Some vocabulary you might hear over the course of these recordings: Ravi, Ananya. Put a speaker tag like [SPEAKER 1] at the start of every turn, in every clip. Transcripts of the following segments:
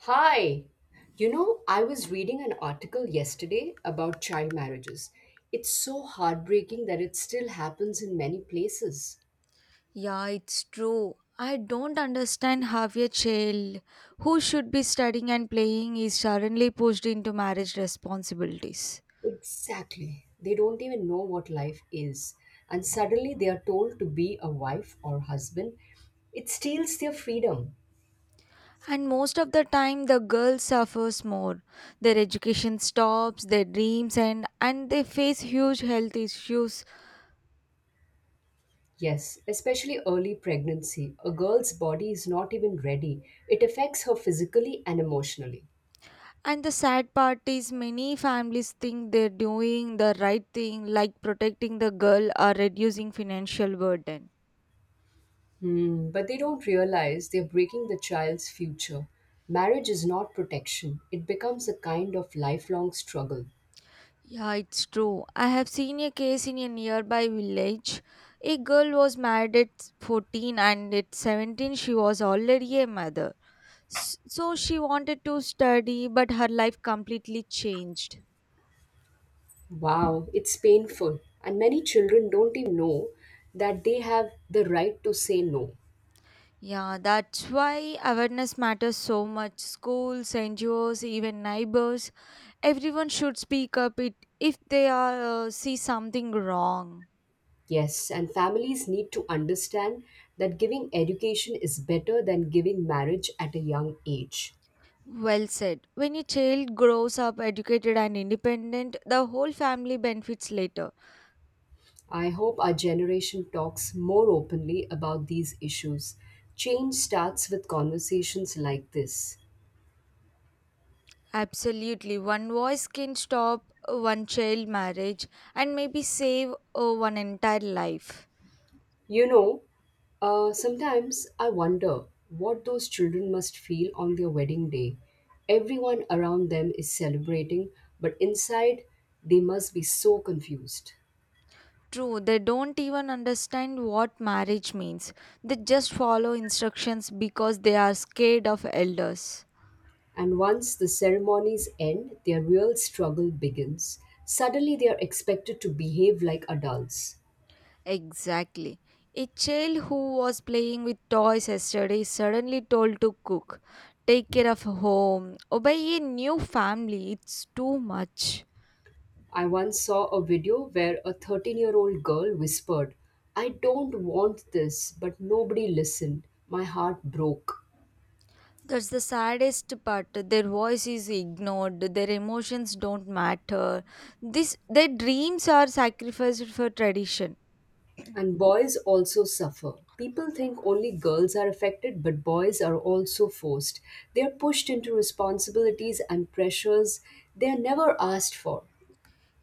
[SPEAKER 1] Hi. You know, I was reading an article yesterday about child marriages. It's so heartbreaking that it still happens in many places.
[SPEAKER 2] Yeah, it's true. I don't understand how a child who should be studying and playing is suddenly pushed into marriage responsibilities.
[SPEAKER 1] Exactly. They don't even know what life is. And suddenly they are told to be a wife or husband. It steals their freedom.
[SPEAKER 2] And most of the time, the girl suffers more. Their education stops, their dreams end, and they face huge health issues.
[SPEAKER 1] Yes, especially early pregnancy. A girl's body is not even ready, it affects her physically and emotionally.
[SPEAKER 2] And the sad part is, many families think they're doing the right thing, like protecting the girl or reducing financial burden.
[SPEAKER 1] But they don't realize they're breaking the child's future. Marriage is not protection, it becomes a kind of lifelong struggle.
[SPEAKER 2] Yeah, it's true. I have seen a case in a nearby village. A girl was married at 14 and at 17 she was already a mother. So she wanted to study, but her life completely changed.
[SPEAKER 1] Wow, it's painful. And many children don't even know that they have the right to say no.
[SPEAKER 2] Yeah, that's why awareness matters so much. Schools, NGOs, even neighbors, everyone should speak up it if they are see something wrong.
[SPEAKER 1] Yes, and families need to understand that giving education is better than giving marriage at a young age.
[SPEAKER 2] Well said. When a child grows up educated and independent, the whole family benefits later.
[SPEAKER 1] I hope our generation talks more openly about these issues. Change starts with conversations like this.
[SPEAKER 2] Absolutely. One voice can stop one child marriage and maybe save one entire life.
[SPEAKER 1] You know, sometimes I wonder what those children must feel on their wedding day. Everyone around them is celebrating, but inside they must be so confused.
[SPEAKER 2] True, they don't even understand what marriage means. They just follow instructions because they are scared of elders.
[SPEAKER 1] And once the ceremonies end, their real struggle begins. Suddenly they are expected to behave like adults.
[SPEAKER 2] Exactly. A child who was playing with toys yesterday is suddenly told to cook, take care of home, obey a new family. It's too much.
[SPEAKER 1] I once saw a video where a 13-year-old girl whispered, I don't want this, but nobody listened. My heart broke.
[SPEAKER 2] That's the saddest part. Their voice is ignored. Their emotions don't matter. This their dreams are sacrificed for tradition.
[SPEAKER 1] And boys also suffer. People think only girls are affected, but boys are also forced. They are pushed into responsibilities and pressures they are never asked for.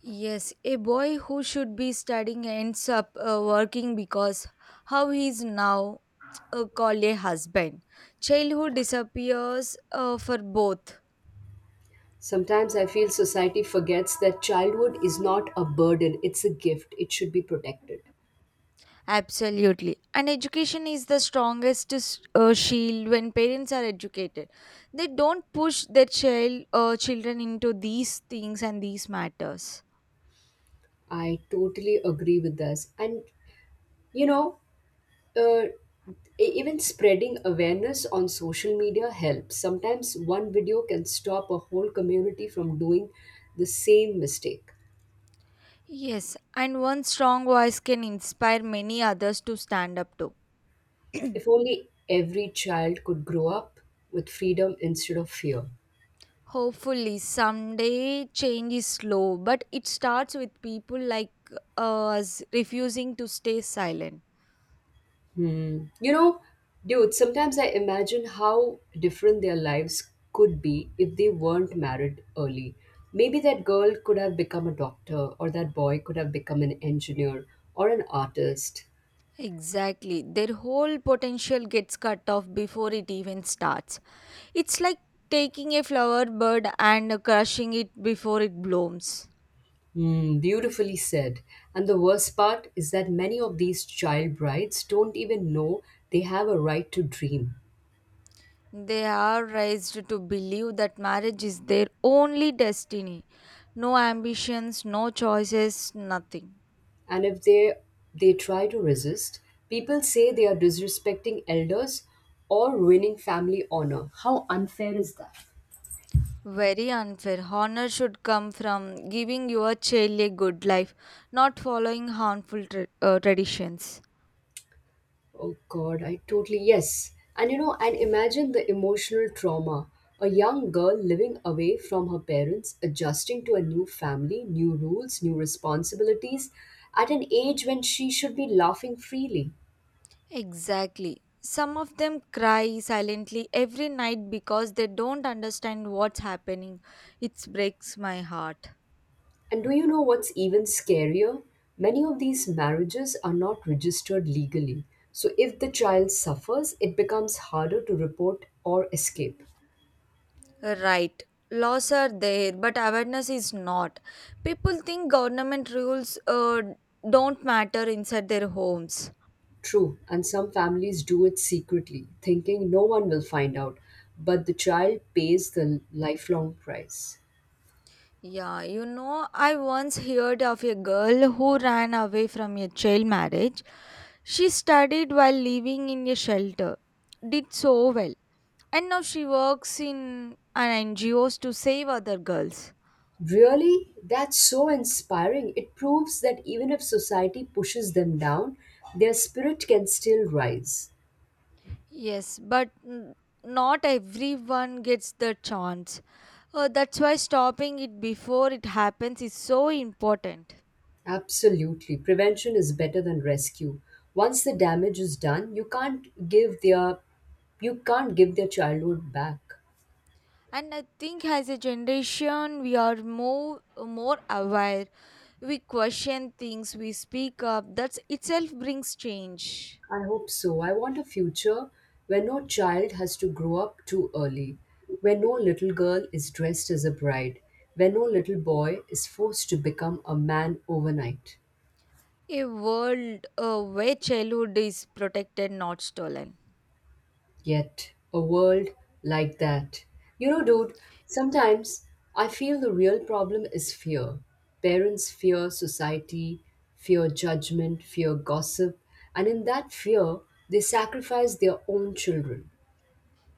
[SPEAKER 2] Yes, a boy who should be studying ends up working because how he is now called a husband. Childhood disappears for both.
[SPEAKER 1] Sometimes I feel society forgets that childhood is not a burden, it's a gift. It should be protected.
[SPEAKER 2] Absolutely. And education is the strongest shield when parents are educated. They don't push their child children into these things and these matters.
[SPEAKER 1] I totally agree with this. And, you know, uh, e- even spreading awareness on social media helps. Sometimes one video can stop a whole community from doing the same mistake.
[SPEAKER 2] Yes, and one strong voice can inspire many others to stand up to.
[SPEAKER 1] If only every child could grow up with freedom instead of fear.
[SPEAKER 2] Hopefully, someday change is slow, but it starts with people like us refusing to stay silent.
[SPEAKER 1] Hmm. You know, dude, sometimes I imagine how different their lives could be if they weren't married early. Maybe that girl could have become a doctor, or that boy could have become an engineer or an artist.
[SPEAKER 2] Exactly. Their whole potential gets cut off before it even starts. It's like taking a flower bud and crushing it before it blooms.
[SPEAKER 1] Hmm, beautifully said. And the worst part is that many of these child brides don't even know they have a right to dream.
[SPEAKER 2] They are raised to believe that marriage is their only destiny. No ambitions, no choices, nothing.
[SPEAKER 1] And if they try to resist, people say they are disrespecting elders or ruining family honor. How unfair is that?
[SPEAKER 2] Very unfair. Honor should come from giving your child a good life, not following harmful traditions.
[SPEAKER 1] Oh God, I totally, yes. And imagine the emotional trauma. A young girl living away from her parents, adjusting to a new family, new rules, new responsibilities, at an age when she should be laughing freely.
[SPEAKER 2] Exactly. Some of them cry silently every night because they don't understand what's happening. It breaks my heart.
[SPEAKER 1] And do you know what's even scarier? Many of these marriages are not registered legally. So if the child suffers, it becomes harder to report or escape.
[SPEAKER 2] Right. Laws are there, but awareness is not. People think government rules don't matter inside their homes.
[SPEAKER 1] True, and some families do it secretly, thinking no one will find out, but the child pays the lifelong price.
[SPEAKER 2] Yeah, you know, I once heard of a girl who ran away from a child marriage. She studied while living in a shelter, did so well. And now she works in an NGOs to save other girls.
[SPEAKER 1] Really? That's so inspiring. It proves that even if society pushes them down, their spirit can still rise.
[SPEAKER 2] Yes, but not everyone gets the chance. That's why stopping it before it happens is so important.
[SPEAKER 1] Absolutely. Prevention is better than rescue. Once the damage is done, you can't give their childhood back.
[SPEAKER 2] And I think as a generation, we are more aware. We question things. We speak up. That itself brings change.
[SPEAKER 1] I hope so. I want a future where no child has to grow up too early, where no little girl is dressed as a bride, where no little boy is forced to become a man overnight.
[SPEAKER 2] A world where childhood is protected, not stolen.
[SPEAKER 1] Yet, a world like that. You know, dude, sometimes I feel the real problem is fear. Parents fear society, fear judgment, fear gossip, and in that fear, they sacrifice their own children.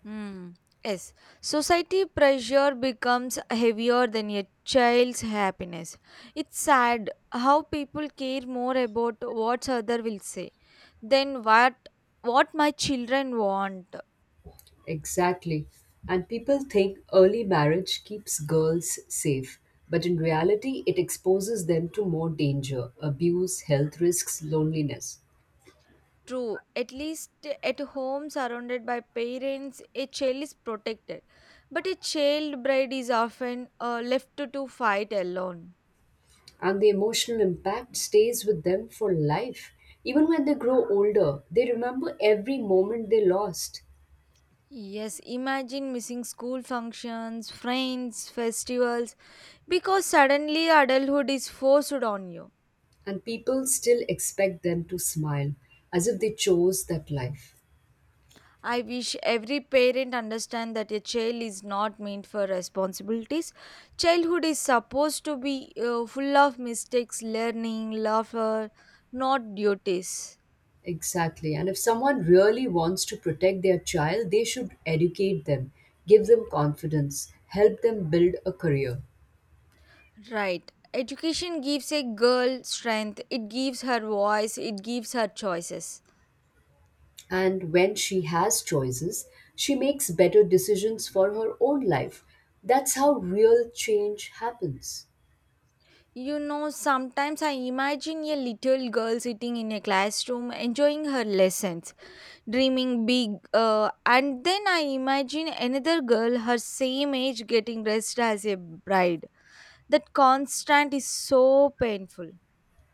[SPEAKER 2] Hmm. Yes, society pressure becomes heavier than a child's happiness. It's sad how people care more about what other will say than what my children want.
[SPEAKER 1] Exactly. And people think early marriage keeps girls safe, but in reality, it exposes them to more danger, abuse, health risks, loneliness.
[SPEAKER 2] True, at least at home surrounded by parents, a child is protected, but a child bride is often left to fight alone.
[SPEAKER 1] And the emotional impact stays with them for life. Even when they grow older, they remember every moment they lost,
[SPEAKER 2] Yes, imagine missing school functions, friends, festivals, because suddenly adulthood is forced on you.
[SPEAKER 1] and people still expect them to smile as if they chose that life.
[SPEAKER 2] I wish every parent understand that a child is not meant for responsibilities. Childhood is supposed to be full of mistakes, learning, laughter, not duties.
[SPEAKER 1] Exactly. And if someone really wants to protect their child, they should educate them, give them confidence, help them build a career.
[SPEAKER 2] Right. Education gives a girl strength, it gives her voice, it gives her choices.
[SPEAKER 1] And when she has choices, she makes better decisions for her own life. That's how real change happens.
[SPEAKER 2] You know, sometimes I imagine a little girl sitting in a classroom enjoying her lessons, dreaming big, and then I imagine another girl her same age getting dressed as a bride. That constant is so painful.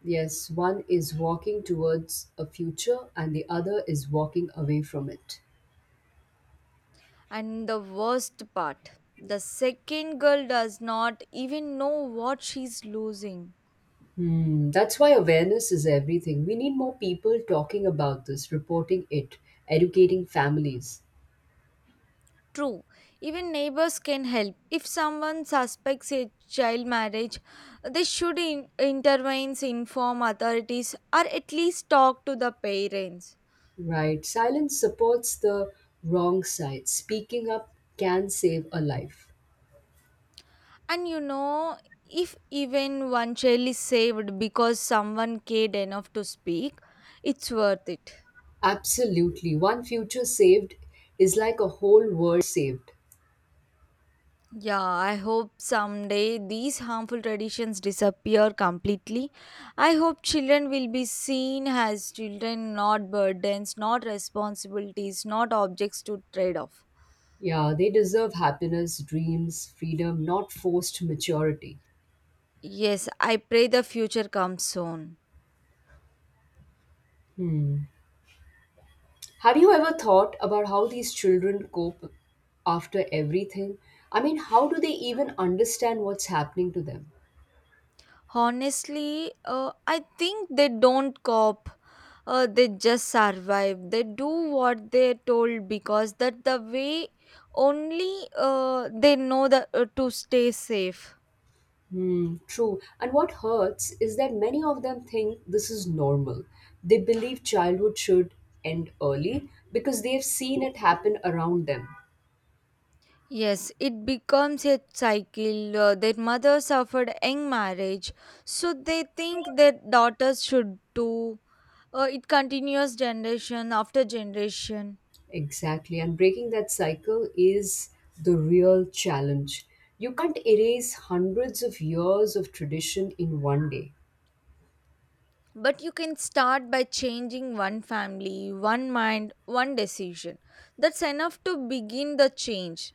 [SPEAKER 1] Yes, one is walking towards a future and the other is walking away from it.
[SPEAKER 2] And the worst part, the second girl does not even know what she's losing.
[SPEAKER 1] That's why awareness is everything. We need more people talking about this, reporting it, educating families.
[SPEAKER 2] True, even neighbors can help. If someone suspects a child marriage, they should intervene, inform authorities, or at least talk to the parents.
[SPEAKER 1] Right. Silence supports the wrong side. Speaking up can save a life.
[SPEAKER 2] And you know, if even one child is saved because someone cared enough to speak, it's worth it.
[SPEAKER 1] Absolutely. One future saved is like a whole world saved.
[SPEAKER 2] Yeah, I hope someday these harmful traditions disappear completely. I hope children will be seen as children, not burdens, not responsibilities, not objects to trade off.
[SPEAKER 1] Yeah, they deserve happiness, dreams, freedom, not forced maturity.
[SPEAKER 2] Yes, I pray the future comes soon.
[SPEAKER 1] Have you ever thought about how these children cope after everything? I mean, how do they even understand what's happening to them?
[SPEAKER 2] Honestly, I think they don't cope. They just survive. They do what they're told because that the way only they know that to stay safe.
[SPEAKER 1] Hmm, true. And what hurts is that many of them think this is normal. They believe childhood should end early because they've seen it happen around them.
[SPEAKER 2] Yes, it becomes a cycle. Their mother suffered young marriage, so they think their daughters should too. It continues generation after generation.
[SPEAKER 1] Exactly. And breaking that cycle is the real challenge. You can't erase hundreds of years of tradition in one day.
[SPEAKER 2] But you can start by changing one family, one mind, one decision. That's enough to begin the change.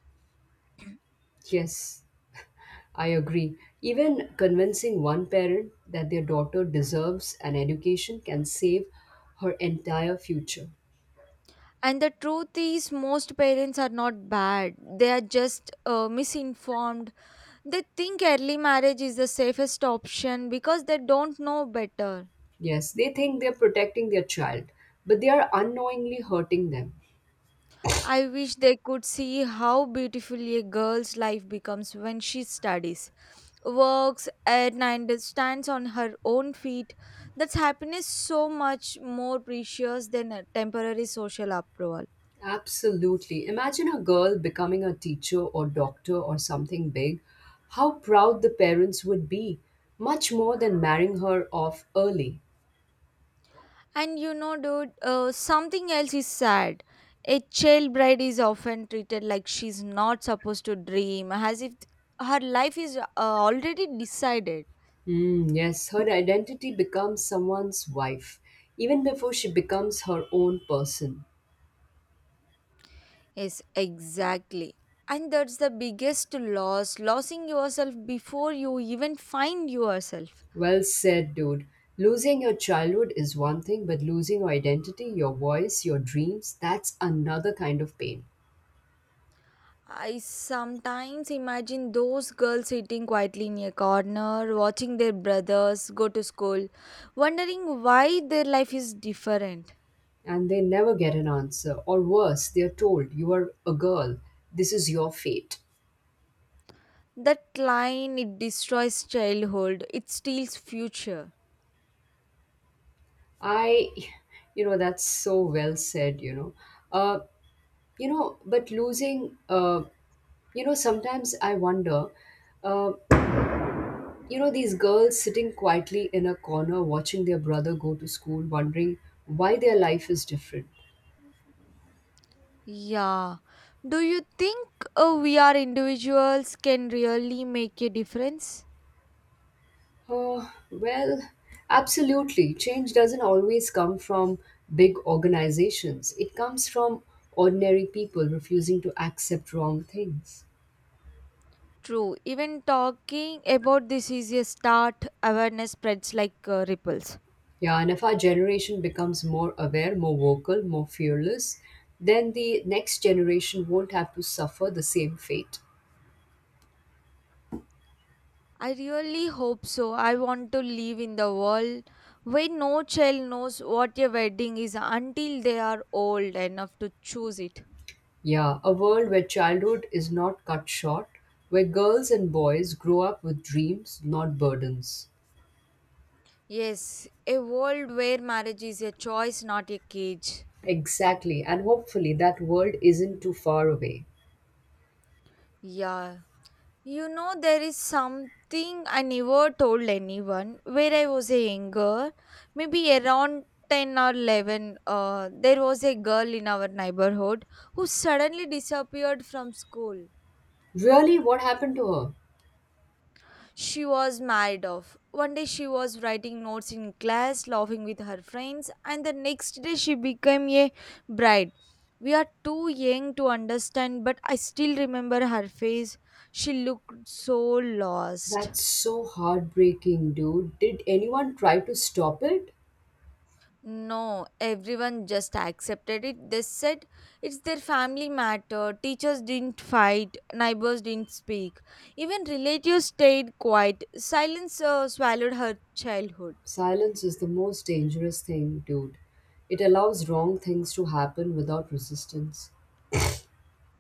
[SPEAKER 1] Yes, I agree. Even convincing one parent that their daughter deserves an education can save her entire future.
[SPEAKER 2] And the truth is, most parents are not bad. They are just misinformed. They think early marriage is the safest option because they don't know better.
[SPEAKER 1] Yes, they think they're protecting their child, but they are unknowingly hurting them.
[SPEAKER 2] I wish they could see how beautifully a girl's life becomes when she studies, works, and stands on her own feet. That's happiness so much more precious than a temporary social approval.
[SPEAKER 1] Absolutely. Imagine a girl becoming a teacher or doctor or something big. How proud the parents would be, much more than marrying her off early.
[SPEAKER 2] And you know, dude, something else is sad. A child bride is often treated like she's not supposed to dream, as if her life is already decided.
[SPEAKER 1] Mm, yes, her identity becomes someone's wife, even before she becomes her own person.
[SPEAKER 2] Yes, exactly. And that's the biggest loss, losing yourself before you even find yourself.
[SPEAKER 1] Well said, dude. Losing your childhood is one thing, but losing your identity, your voice, your dreams, that's another kind of pain.
[SPEAKER 2] I sometimes imagine those girls sitting quietly in a corner, watching their brothers go to school, wondering why their life is different.
[SPEAKER 1] And they never get an answer. Or worse, they are told, you are a girl. This is your fate.
[SPEAKER 2] That line, it destroys childhood, it steals future.
[SPEAKER 1] I, that's so well said. Uh, you know, but losing, uh, sometimes I wonder, uh, these girls sitting quietly in a corner watching their brother go to school, wondering why their life is different.
[SPEAKER 2] Yeah. Do you think we are individuals can really make a difference?
[SPEAKER 1] Well, absolutely. Change doesn't always come from big organizations, it comes from ordinary people refusing to accept wrong things.
[SPEAKER 2] True. Even talking about this is a start. Awareness spreads like ripples.
[SPEAKER 1] Yeah, and if our generation becomes more aware, more vocal, more fearless, then the next generation won't have to suffer the same fate.
[SPEAKER 2] I really hope so. I want to live in the world where no child knows what a wedding is until they are old enough to choose it.
[SPEAKER 1] Yeah, a world where childhood is not cut short, where girls and boys grow up with dreams, not burdens.
[SPEAKER 2] Yes, a world where marriage is a choice, not a cage.
[SPEAKER 1] Exactly, and hopefully that world isn't too far away.
[SPEAKER 2] Yeah. You know, there is something I never told anyone. Where I was a young, maybe around 10 or 11, there was a girl in our neighborhood who suddenly disappeared from school.
[SPEAKER 1] Really, what happened to her?
[SPEAKER 2] She was married off. One day she was writing notes in class, laughing with her friends, and the next day she became a bride. We are too young to understand, but I still remember her face. She looked so lost.
[SPEAKER 1] That's so heartbreaking, dude. Did anyone try to stop it?
[SPEAKER 2] No, everyone just accepted it. They said it's their family matter. Teachers didn't fight, neighbors didn't speak. Even relatives stayed quiet. Silence swallowed her childhood.
[SPEAKER 1] Silence is the most dangerous thing, dude. It allows wrong things to happen without resistance.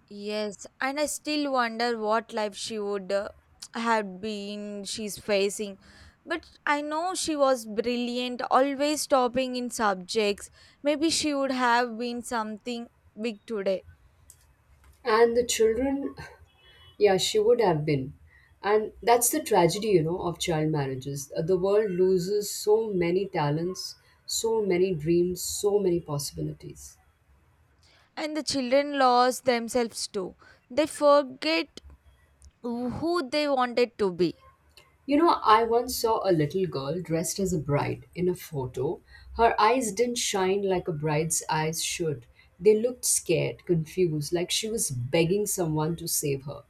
[SPEAKER 2] Yes, and I still wonder what life she would have been she's facing. But I know she was brilliant, always topping in subjects. Maybe she would have been something big today.
[SPEAKER 1] And the children, yeah, she would have been. And that's the tragedy, you know, of child marriages. The world loses so many talents, so many dreams, so many possibilities.
[SPEAKER 2] And the children lost themselves too. They forget who they wanted to be.
[SPEAKER 1] You know, I once saw a little girl dressed as a bride in a photo. Her eyes didn't shine like a bride's eyes should. They looked scared, confused, like she was begging someone to save her.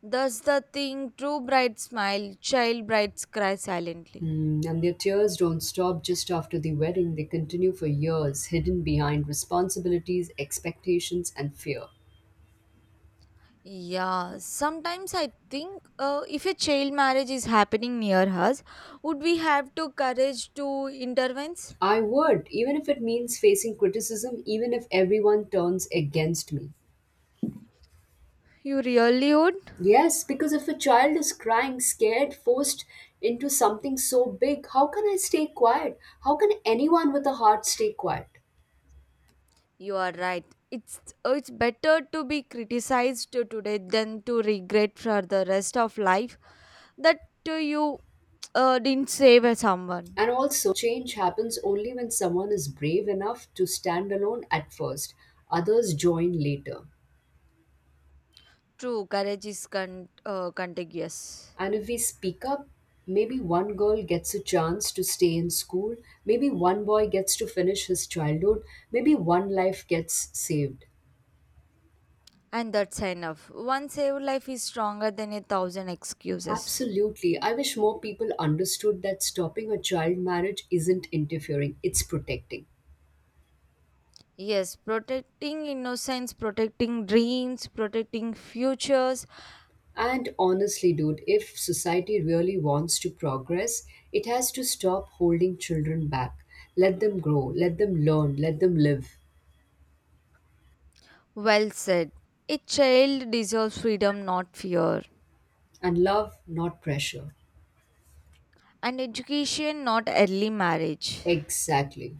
[SPEAKER 2] Thus, the thing true brides smile, child brides cry silently.
[SPEAKER 1] And their tears don't stop just after the wedding, they continue for years, hidden behind responsibilities, expectations, and fear.
[SPEAKER 2] Yeah, sometimes I think if a child marriage is happening near us, would we have to courage to intervene?
[SPEAKER 1] I would, even if it means facing criticism, even if everyone turns against me.
[SPEAKER 2] You really would?
[SPEAKER 1] Yes, because if a child is crying, scared, forced into something so big, how can I stay quiet? How can anyone with a heart stay quiet?
[SPEAKER 2] You are right. It's it's better to be criticized today than to regret for the rest of life that you didn't save a someone.
[SPEAKER 1] And also, change happens only when someone is brave enough to stand alone at first, others join later.
[SPEAKER 2] True, courage is contagious.
[SPEAKER 1] And if we speak up, maybe one girl gets a chance to stay in school, maybe one boy gets to finish his childhood, maybe one life gets saved.
[SPEAKER 2] And that's enough. One saved life is stronger than a thousand excuses.
[SPEAKER 1] Absolutely. I wish more people understood that stopping a child marriage isn't interfering, it's protecting.
[SPEAKER 2] Yes, protecting innocence, protecting dreams, protecting futures.
[SPEAKER 1] And honestly, dude, if society really wants to progress, it has to stop holding children back. Let them grow, let them learn, let them live.
[SPEAKER 2] Well said. A child deserves freedom, not fear.
[SPEAKER 1] And love, not pressure.
[SPEAKER 2] And education, not early marriage.
[SPEAKER 1] Exactly.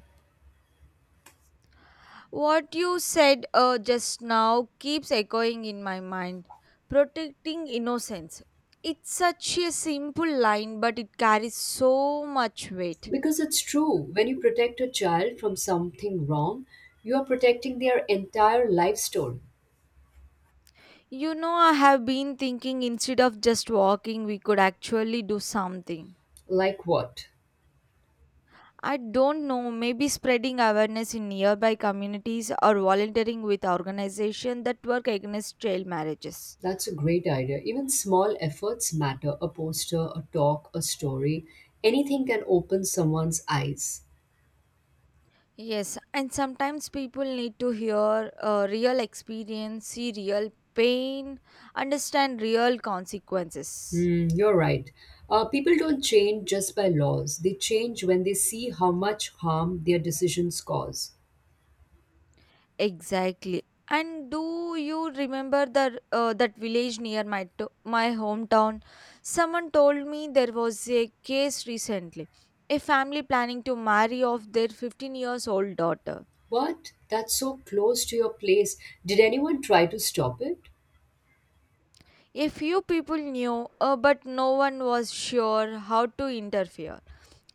[SPEAKER 2] What you said just now keeps echoing in my mind. Protecting innocence. It's such a simple line, but it carries so much weight.
[SPEAKER 1] Because it's true, when you protect a child from something wrong, you are protecting their entire life story.
[SPEAKER 2] You know, I have been thinking instead of just walking, we could actually do something.
[SPEAKER 1] Like what?
[SPEAKER 2] I don't know, maybe spreading awareness in nearby communities or volunteering with organizations that work against child marriages.
[SPEAKER 1] That's a great idea. Even small efforts matter. A poster, a talk, a story, anything can open someone's eyes.
[SPEAKER 2] Yes, and sometimes people need to hear real experience, see real pain, understand real consequences.
[SPEAKER 1] Hmm, you're right. People don't change just by laws, they change when they see how much harm their decisions cause.
[SPEAKER 2] Exactly. And do you remember the that village near my hometown? Someone told me there was a case recently. A family planning to marry off their 15 years old daughter.
[SPEAKER 1] What? That's so close to your place. Did anyone try to stop it?
[SPEAKER 2] A few people knew, but no one was sure how to interfere.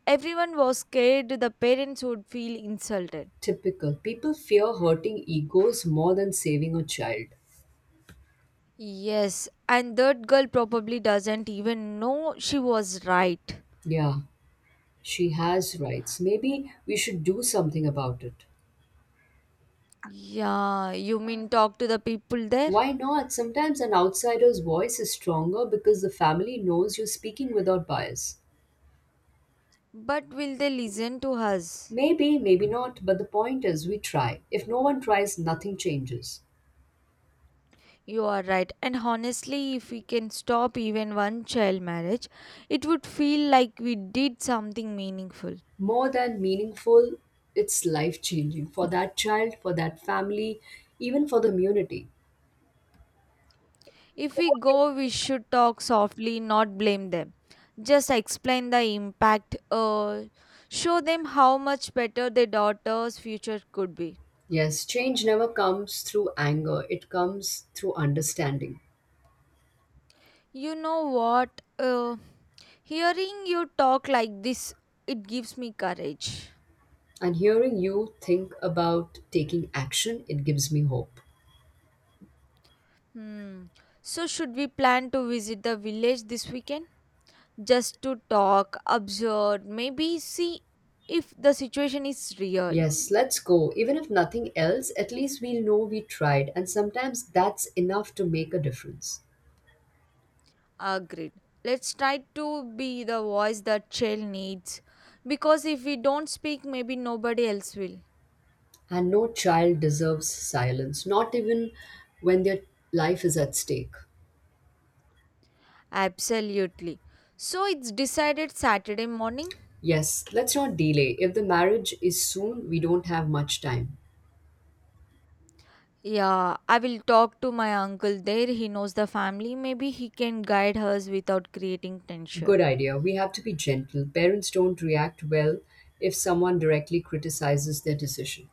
[SPEAKER 2] Everyone was scared the parents would feel insulted.
[SPEAKER 1] Typical. People fear hurting egos more than saving a child.
[SPEAKER 2] Yes, and that girl probably doesn't even know she was right.
[SPEAKER 1] Yeah, she has rights. Maybe we should do something about it.
[SPEAKER 2] Yeah, you mean talk to the people there?
[SPEAKER 1] Why not? Sometimes an outsider's voice is stronger because the family knows you're speaking without bias.
[SPEAKER 2] But will they listen to us?
[SPEAKER 1] Maybe, maybe not, but the point is we try. If no one tries, nothing changes.
[SPEAKER 2] You are right. And honestly, if we can stop even one child marriage, it would feel like we did something meaningful.
[SPEAKER 1] More than meaningful, it's life changing for that child, for that family, even for the community.
[SPEAKER 2] If we go, we should talk softly, not blame them. Just explain the impact, show them how much better their daughter's future could be.
[SPEAKER 1] Yes, change never comes through anger, it comes through understanding.
[SPEAKER 2] You know what? Hearing you talk like this, it gives me courage.
[SPEAKER 1] And hearing you think about taking action, it gives me hope.
[SPEAKER 2] Hmm. So, should we plan to visit the village this weekend? Just to talk, observe, maybe see if the situation is real.
[SPEAKER 1] Yes, let's go. Even if nothing else, at least we'll know we tried, and sometimes that's enough to make a difference.
[SPEAKER 2] Agreed. Let's try to be the voice that child needs because if we don't speak, maybe nobody else will.
[SPEAKER 1] And no child deserves silence, not even when their life is at stake.
[SPEAKER 2] Absolutely. So it's decided Saturday morning.
[SPEAKER 1] Yes, let's not delay. If the marriage is soon, we don't have much time.
[SPEAKER 2] Yeah, I will talk to my uncle there. He knows the family. Maybe he can guide us without creating
[SPEAKER 1] Good
[SPEAKER 2] tension.
[SPEAKER 1] idea. We have to be gentle. Parents don't react well if someone directly criticizes their decision.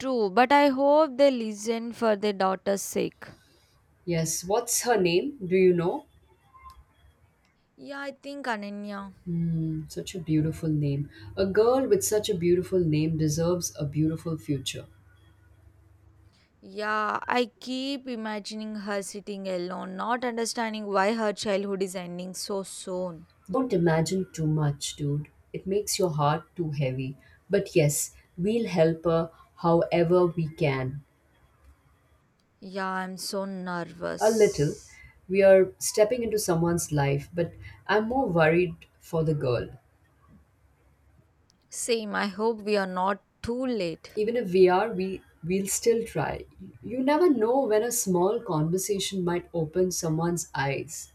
[SPEAKER 2] True, but I hope they listen for their daughter's sake.
[SPEAKER 1] Yes, what's her name? Do you know?
[SPEAKER 2] Yeah, I think Ananya.
[SPEAKER 1] Mm, such a beautiful name. A girl with such a beautiful name deserves a beautiful future.
[SPEAKER 2] Yeah, I keep imagining her sitting alone, not understanding why her childhood is ending so soon.
[SPEAKER 1] Don't imagine too much, dude. It makes your heart too heavy. But yes, we'll help her however we can.
[SPEAKER 2] Yeah, I'm so
[SPEAKER 1] A little.
[SPEAKER 2] nervous.
[SPEAKER 1] We are stepping into someone's life, but I'm more worried for the girl.
[SPEAKER 2] Same, I hope we are not too late.
[SPEAKER 1] Even if we are, we'll still try. You never know when a small conversation might open someone's eyes.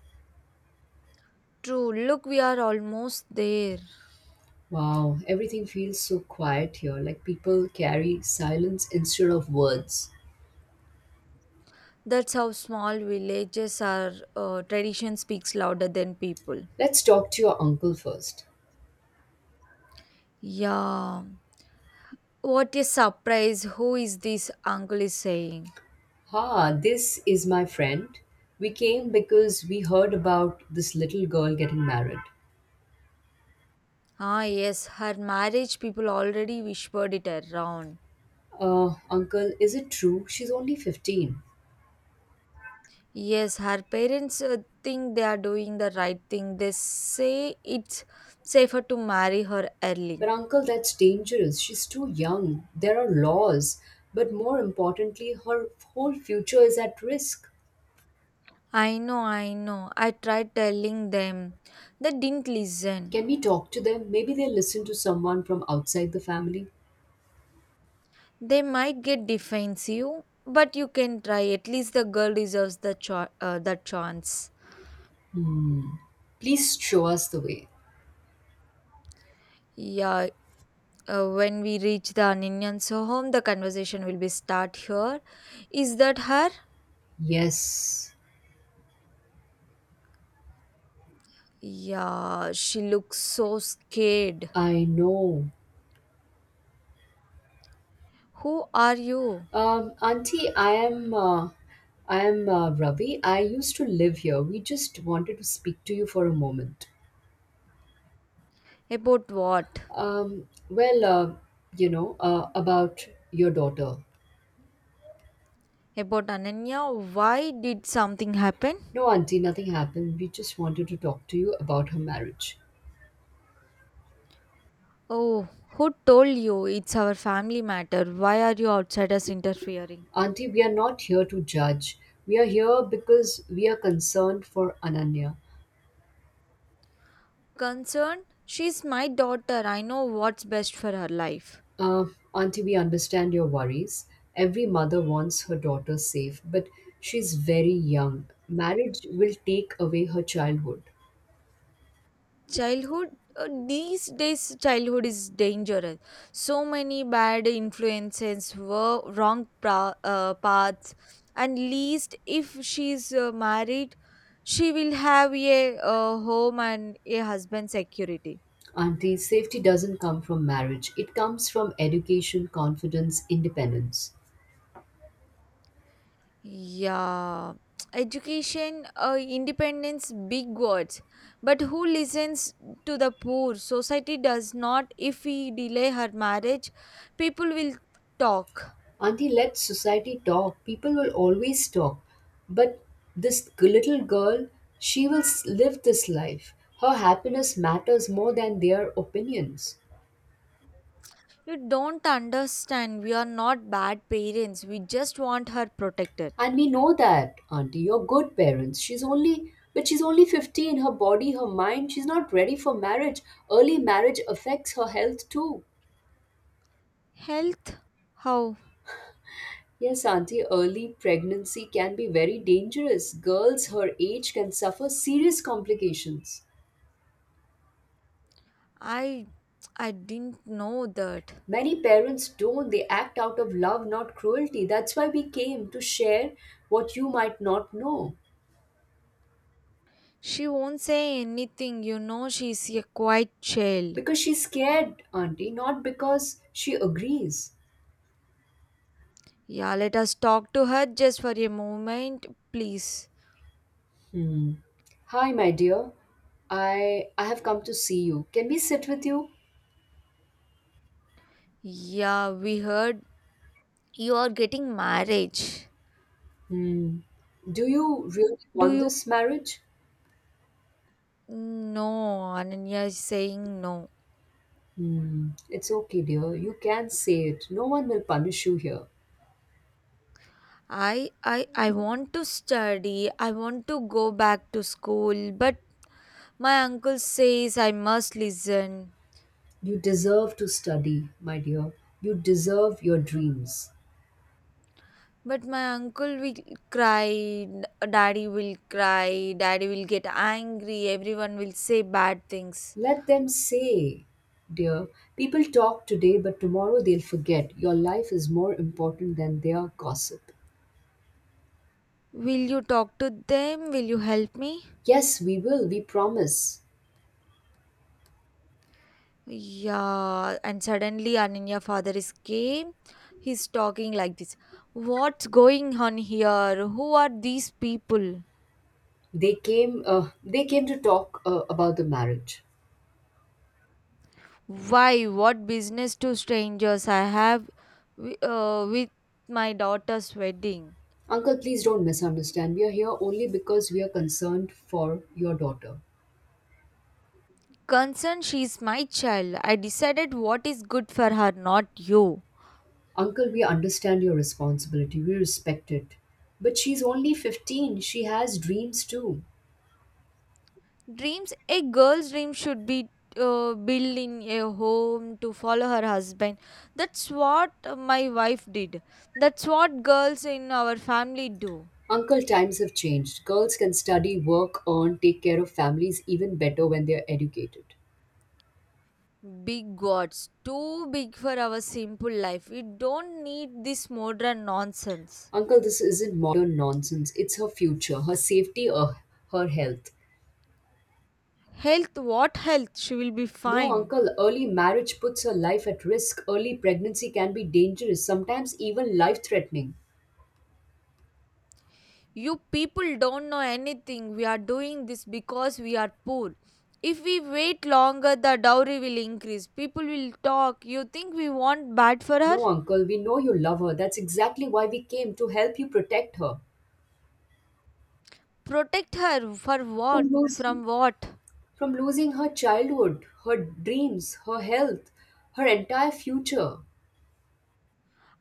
[SPEAKER 2] True, look, we are almost there.
[SPEAKER 1] Wow, everything feels so quiet here, like people carry silence instead of words.
[SPEAKER 2] That's how small villages are. Tradition speaks louder than people.
[SPEAKER 1] Let's talk to your uncle first.
[SPEAKER 2] Yeah. What a surprise. Who is this uncle is saying?
[SPEAKER 1] Ha, this is my friend. We came because we heard about this little girl getting married.
[SPEAKER 2] Ah, yes, her marriage people already whispered it around.
[SPEAKER 1] Uncle, is it true? She's only 15.
[SPEAKER 2] Yes, her parents think they are doing the right thing. They say it's safer to marry her
[SPEAKER 1] But
[SPEAKER 2] early.
[SPEAKER 1] uncle, that's dangerous. She's too young. There are laws. But more importantly, her whole future is at risk.
[SPEAKER 2] I know, I know. I tried telling them. They didn't listen.
[SPEAKER 1] Can we talk to them? Maybe they'll listen to someone from outside the family.
[SPEAKER 2] They might get defensive, but you can try. At least the girl deserves the chance.
[SPEAKER 1] Please show us the way.
[SPEAKER 2] Yeah, when we reach the Ananyan's home, the conversation will be start here. Is that her?
[SPEAKER 1] Yes,
[SPEAKER 2] Yeah, she looks so scared.
[SPEAKER 1] I know.
[SPEAKER 2] Who are you?
[SPEAKER 1] Auntie, I am Ravi. I used to live here. We just wanted to speak to you for a moment.
[SPEAKER 2] About what?
[SPEAKER 1] Um, well, uh, about your daughter.
[SPEAKER 2] About Ananya? Why did something happen?
[SPEAKER 1] No, Auntie, nothing happened. We just wanted to talk to you about her marriage.
[SPEAKER 2] Oh, who told you it's our family matter? Why are you outsiders interfering?
[SPEAKER 1] Auntie, we are not here to judge. We are here because we are concerned for Ananya.
[SPEAKER 2] Concerned? She's my daughter. I know what's best for her life.
[SPEAKER 1] Uh, Auntie, we understand your worries. Every mother wants her daughter safe, but she's very young. Marriage will take away her childhood.
[SPEAKER 2] Childhood? These days, childhood is dangerous. So many bad influences, wrong paths, and least if she's married, she will have a home and a husband security.
[SPEAKER 1] Auntie, safety doesn't come from marriage, it comes from education, confidence, independence.
[SPEAKER 2] Yeah, education, independence, big words. But who listens to the poor? Society does not. If we delay her marriage, people will talk.
[SPEAKER 1] Auntie, let society talk. People will always talk. But this little girl, live this life. Her happiness matters more than their opinions.
[SPEAKER 2] You don't understand. We are not bad parents. We just want her protected.
[SPEAKER 1] And we know that, Auntie, you're good parents. She's only 15. Her body, her mind, she's not ready for marriage. Early marriage affects her health too.
[SPEAKER 2] Health? How?
[SPEAKER 1] Yes, Auntie, early pregnancy can be very dangerous. Girls her age can suffer serious complications.
[SPEAKER 2] I I didn't know that.
[SPEAKER 1] Many parents don't. They act out of love, not cruelty. That's why we came to share what you might not know.
[SPEAKER 2] She won't say anything, she's a quiet child.
[SPEAKER 1] Because she's scared, Auntie, not because she agrees.
[SPEAKER 2] Yeah, let us talk to her just for a moment, please.
[SPEAKER 1] Hmm. Hi, my dear. I have come to see you. Can we sit with you?
[SPEAKER 2] Yeah, we heard you are getting marriage.
[SPEAKER 1] Hmm. Do you really
[SPEAKER 2] Do
[SPEAKER 1] want
[SPEAKER 2] you?
[SPEAKER 1] this marriage?
[SPEAKER 2] No, Ananya is saying no.
[SPEAKER 1] Hmm. It's okay, dear. You can say it. No one will punish you here.
[SPEAKER 2] I want to study. I want to go back to school, but my uncle says I must listen.
[SPEAKER 1] You deserve to study, my dear. You deserve your dreams.
[SPEAKER 2] But my uncle will cry, daddy will cry, daddy will get angry, everyone will say bad things.
[SPEAKER 1] Let them say, dear. People talk today, but tomorrow they'll forget. Your life is more important than their gossip.
[SPEAKER 2] Will you talk to them? Will you help me?
[SPEAKER 1] Yes, we will. We promise.
[SPEAKER 2] Yeah, and suddenly Ananya father is came. He's talking like this. What's going on here? Who are these people?
[SPEAKER 1] They came. They came to talk about the marriage.
[SPEAKER 2] Why? What business to strangers I have with my daughter's wedding?
[SPEAKER 1] Uncle, please don't misunderstand. We are here only because we are concerned for your daughter.
[SPEAKER 2] Concerned, she's my child. I decided what is good for her, not you.
[SPEAKER 1] Uncle, we understand your responsibility. We respect it. But she's only 15. She has dreams too.
[SPEAKER 2] Dreams, a girl's dream should be built in a home to follow her husband. That's what my wife did. That's what girls in our family do.
[SPEAKER 1] Uncle, times have changed. Girls can study, work, earn, take care of families even better when they're educated.
[SPEAKER 2] Big gods, too big for our simple life. We don't need this modern nonsense.
[SPEAKER 1] Uncle, this isn't modern nonsense. It's her future, her safety, or her health.
[SPEAKER 2] Health, what health? She will be
[SPEAKER 1] No,
[SPEAKER 2] fine.
[SPEAKER 1] uncle, early marriage puts her life at risk. Early pregnancy can be dangerous, sometimes even life threatening.
[SPEAKER 2] You people don't know anything. We are doing this because we are poor. If we wait longer, the dowry will increase. People will talk. You think we want bad for her?
[SPEAKER 1] No, uncle, we know you love her. That's exactly why we came to help you protect her
[SPEAKER 2] Protect her for
[SPEAKER 1] from
[SPEAKER 2] what?
[SPEAKER 1] losing
[SPEAKER 2] From what?
[SPEAKER 1] from losing her childhood, her dreams, her health, her entire future.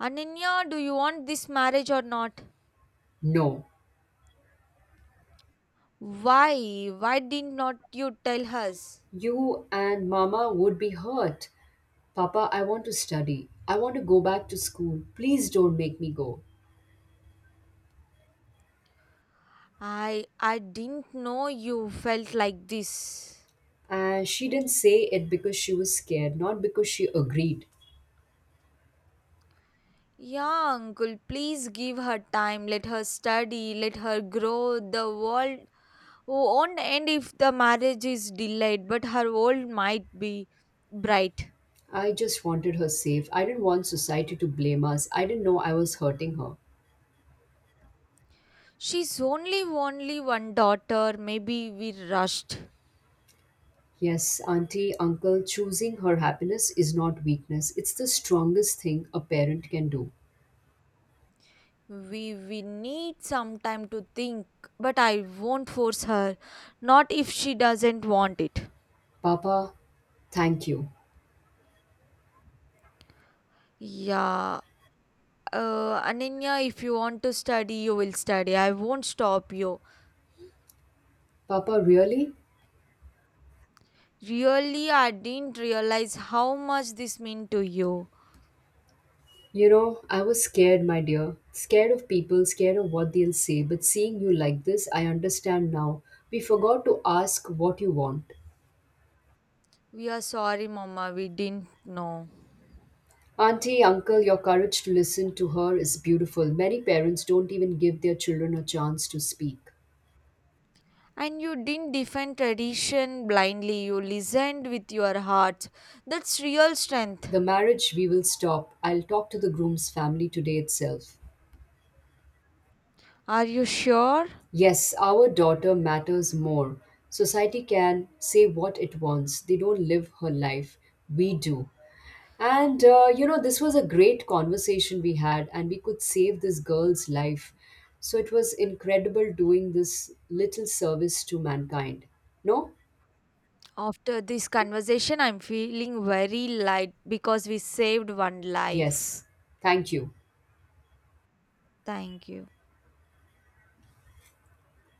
[SPEAKER 2] Ananya, do you want this marriage or not?
[SPEAKER 1] No.
[SPEAKER 2] Why? Why did not you tell us?
[SPEAKER 1] You and mama would be hurt. Papa, I want to study. I want to go back to school. Please don't make me go.
[SPEAKER 2] I didn't know you felt like this.
[SPEAKER 1] And she didn't say it because she was scared, not because she agreed.
[SPEAKER 2] Yeah, uncle, please give her time. Let her study. Let her grow. The world. Oh, on end if the marriage is delayed, but her world might be bright.
[SPEAKER 1] I just wanted her safe. I didn't want society to blame us. I didn't know I was hurting her.
[SPEAKER 2] She's only one daughter. Maybe we rushed.
[SPEAKER 1] Yes, auntie, uncle, choosing her happiness is not weakness. It's the strongest thing a parent can do.
[SPEAKER 2] We need some time to think, but I won't force her. Not if she doesn't want it.
[SPEAKER 1] Papa, thank you.
[SPEAKER 2] Yeah. Ananya, if you want to study, you will study. I won't stop you.
[SPEAKER 1] Papa, really?
[SPEAKER 2] Really, I didn't realize how much this meant to you.
[SPEAKER 1] You know, I was scared, my dear. Scared of people, scared of what they'll say. But seeing you like this, I understand now. We forgot to ask what you want.
[SPEAKER 2] We are sorry, Mama. We didn't know.
[SPEAKER 1] Auntie, uncle, your courage to listen to her is beautiful. Many parents don't even give their children a chance to speak.
[SPEAKER 2] And you didn't defend tradition blindly, you listened with your heart. That's real strength.
[SPEAKER 1] The marriage we will stop. I'll talk to the groom's family today itself.
[SPEAKER 2] Are you sure?
[SPEAKER 1] Yes, our daughter matters more. Society can say what it wants, they don't live her life. We do. And you know, this was a great conversation we had, and we could save this girl's life. So it was incredible doing this little service to mankind. No?
[SPEAKER 2] After this conversation, I'm feeling very light because we saved one
[SPEAKER 1] Yes.
[SPEAKER 2] life.
[SPEAKER 1] Thank you.
[SPEAKER 2] Thank you.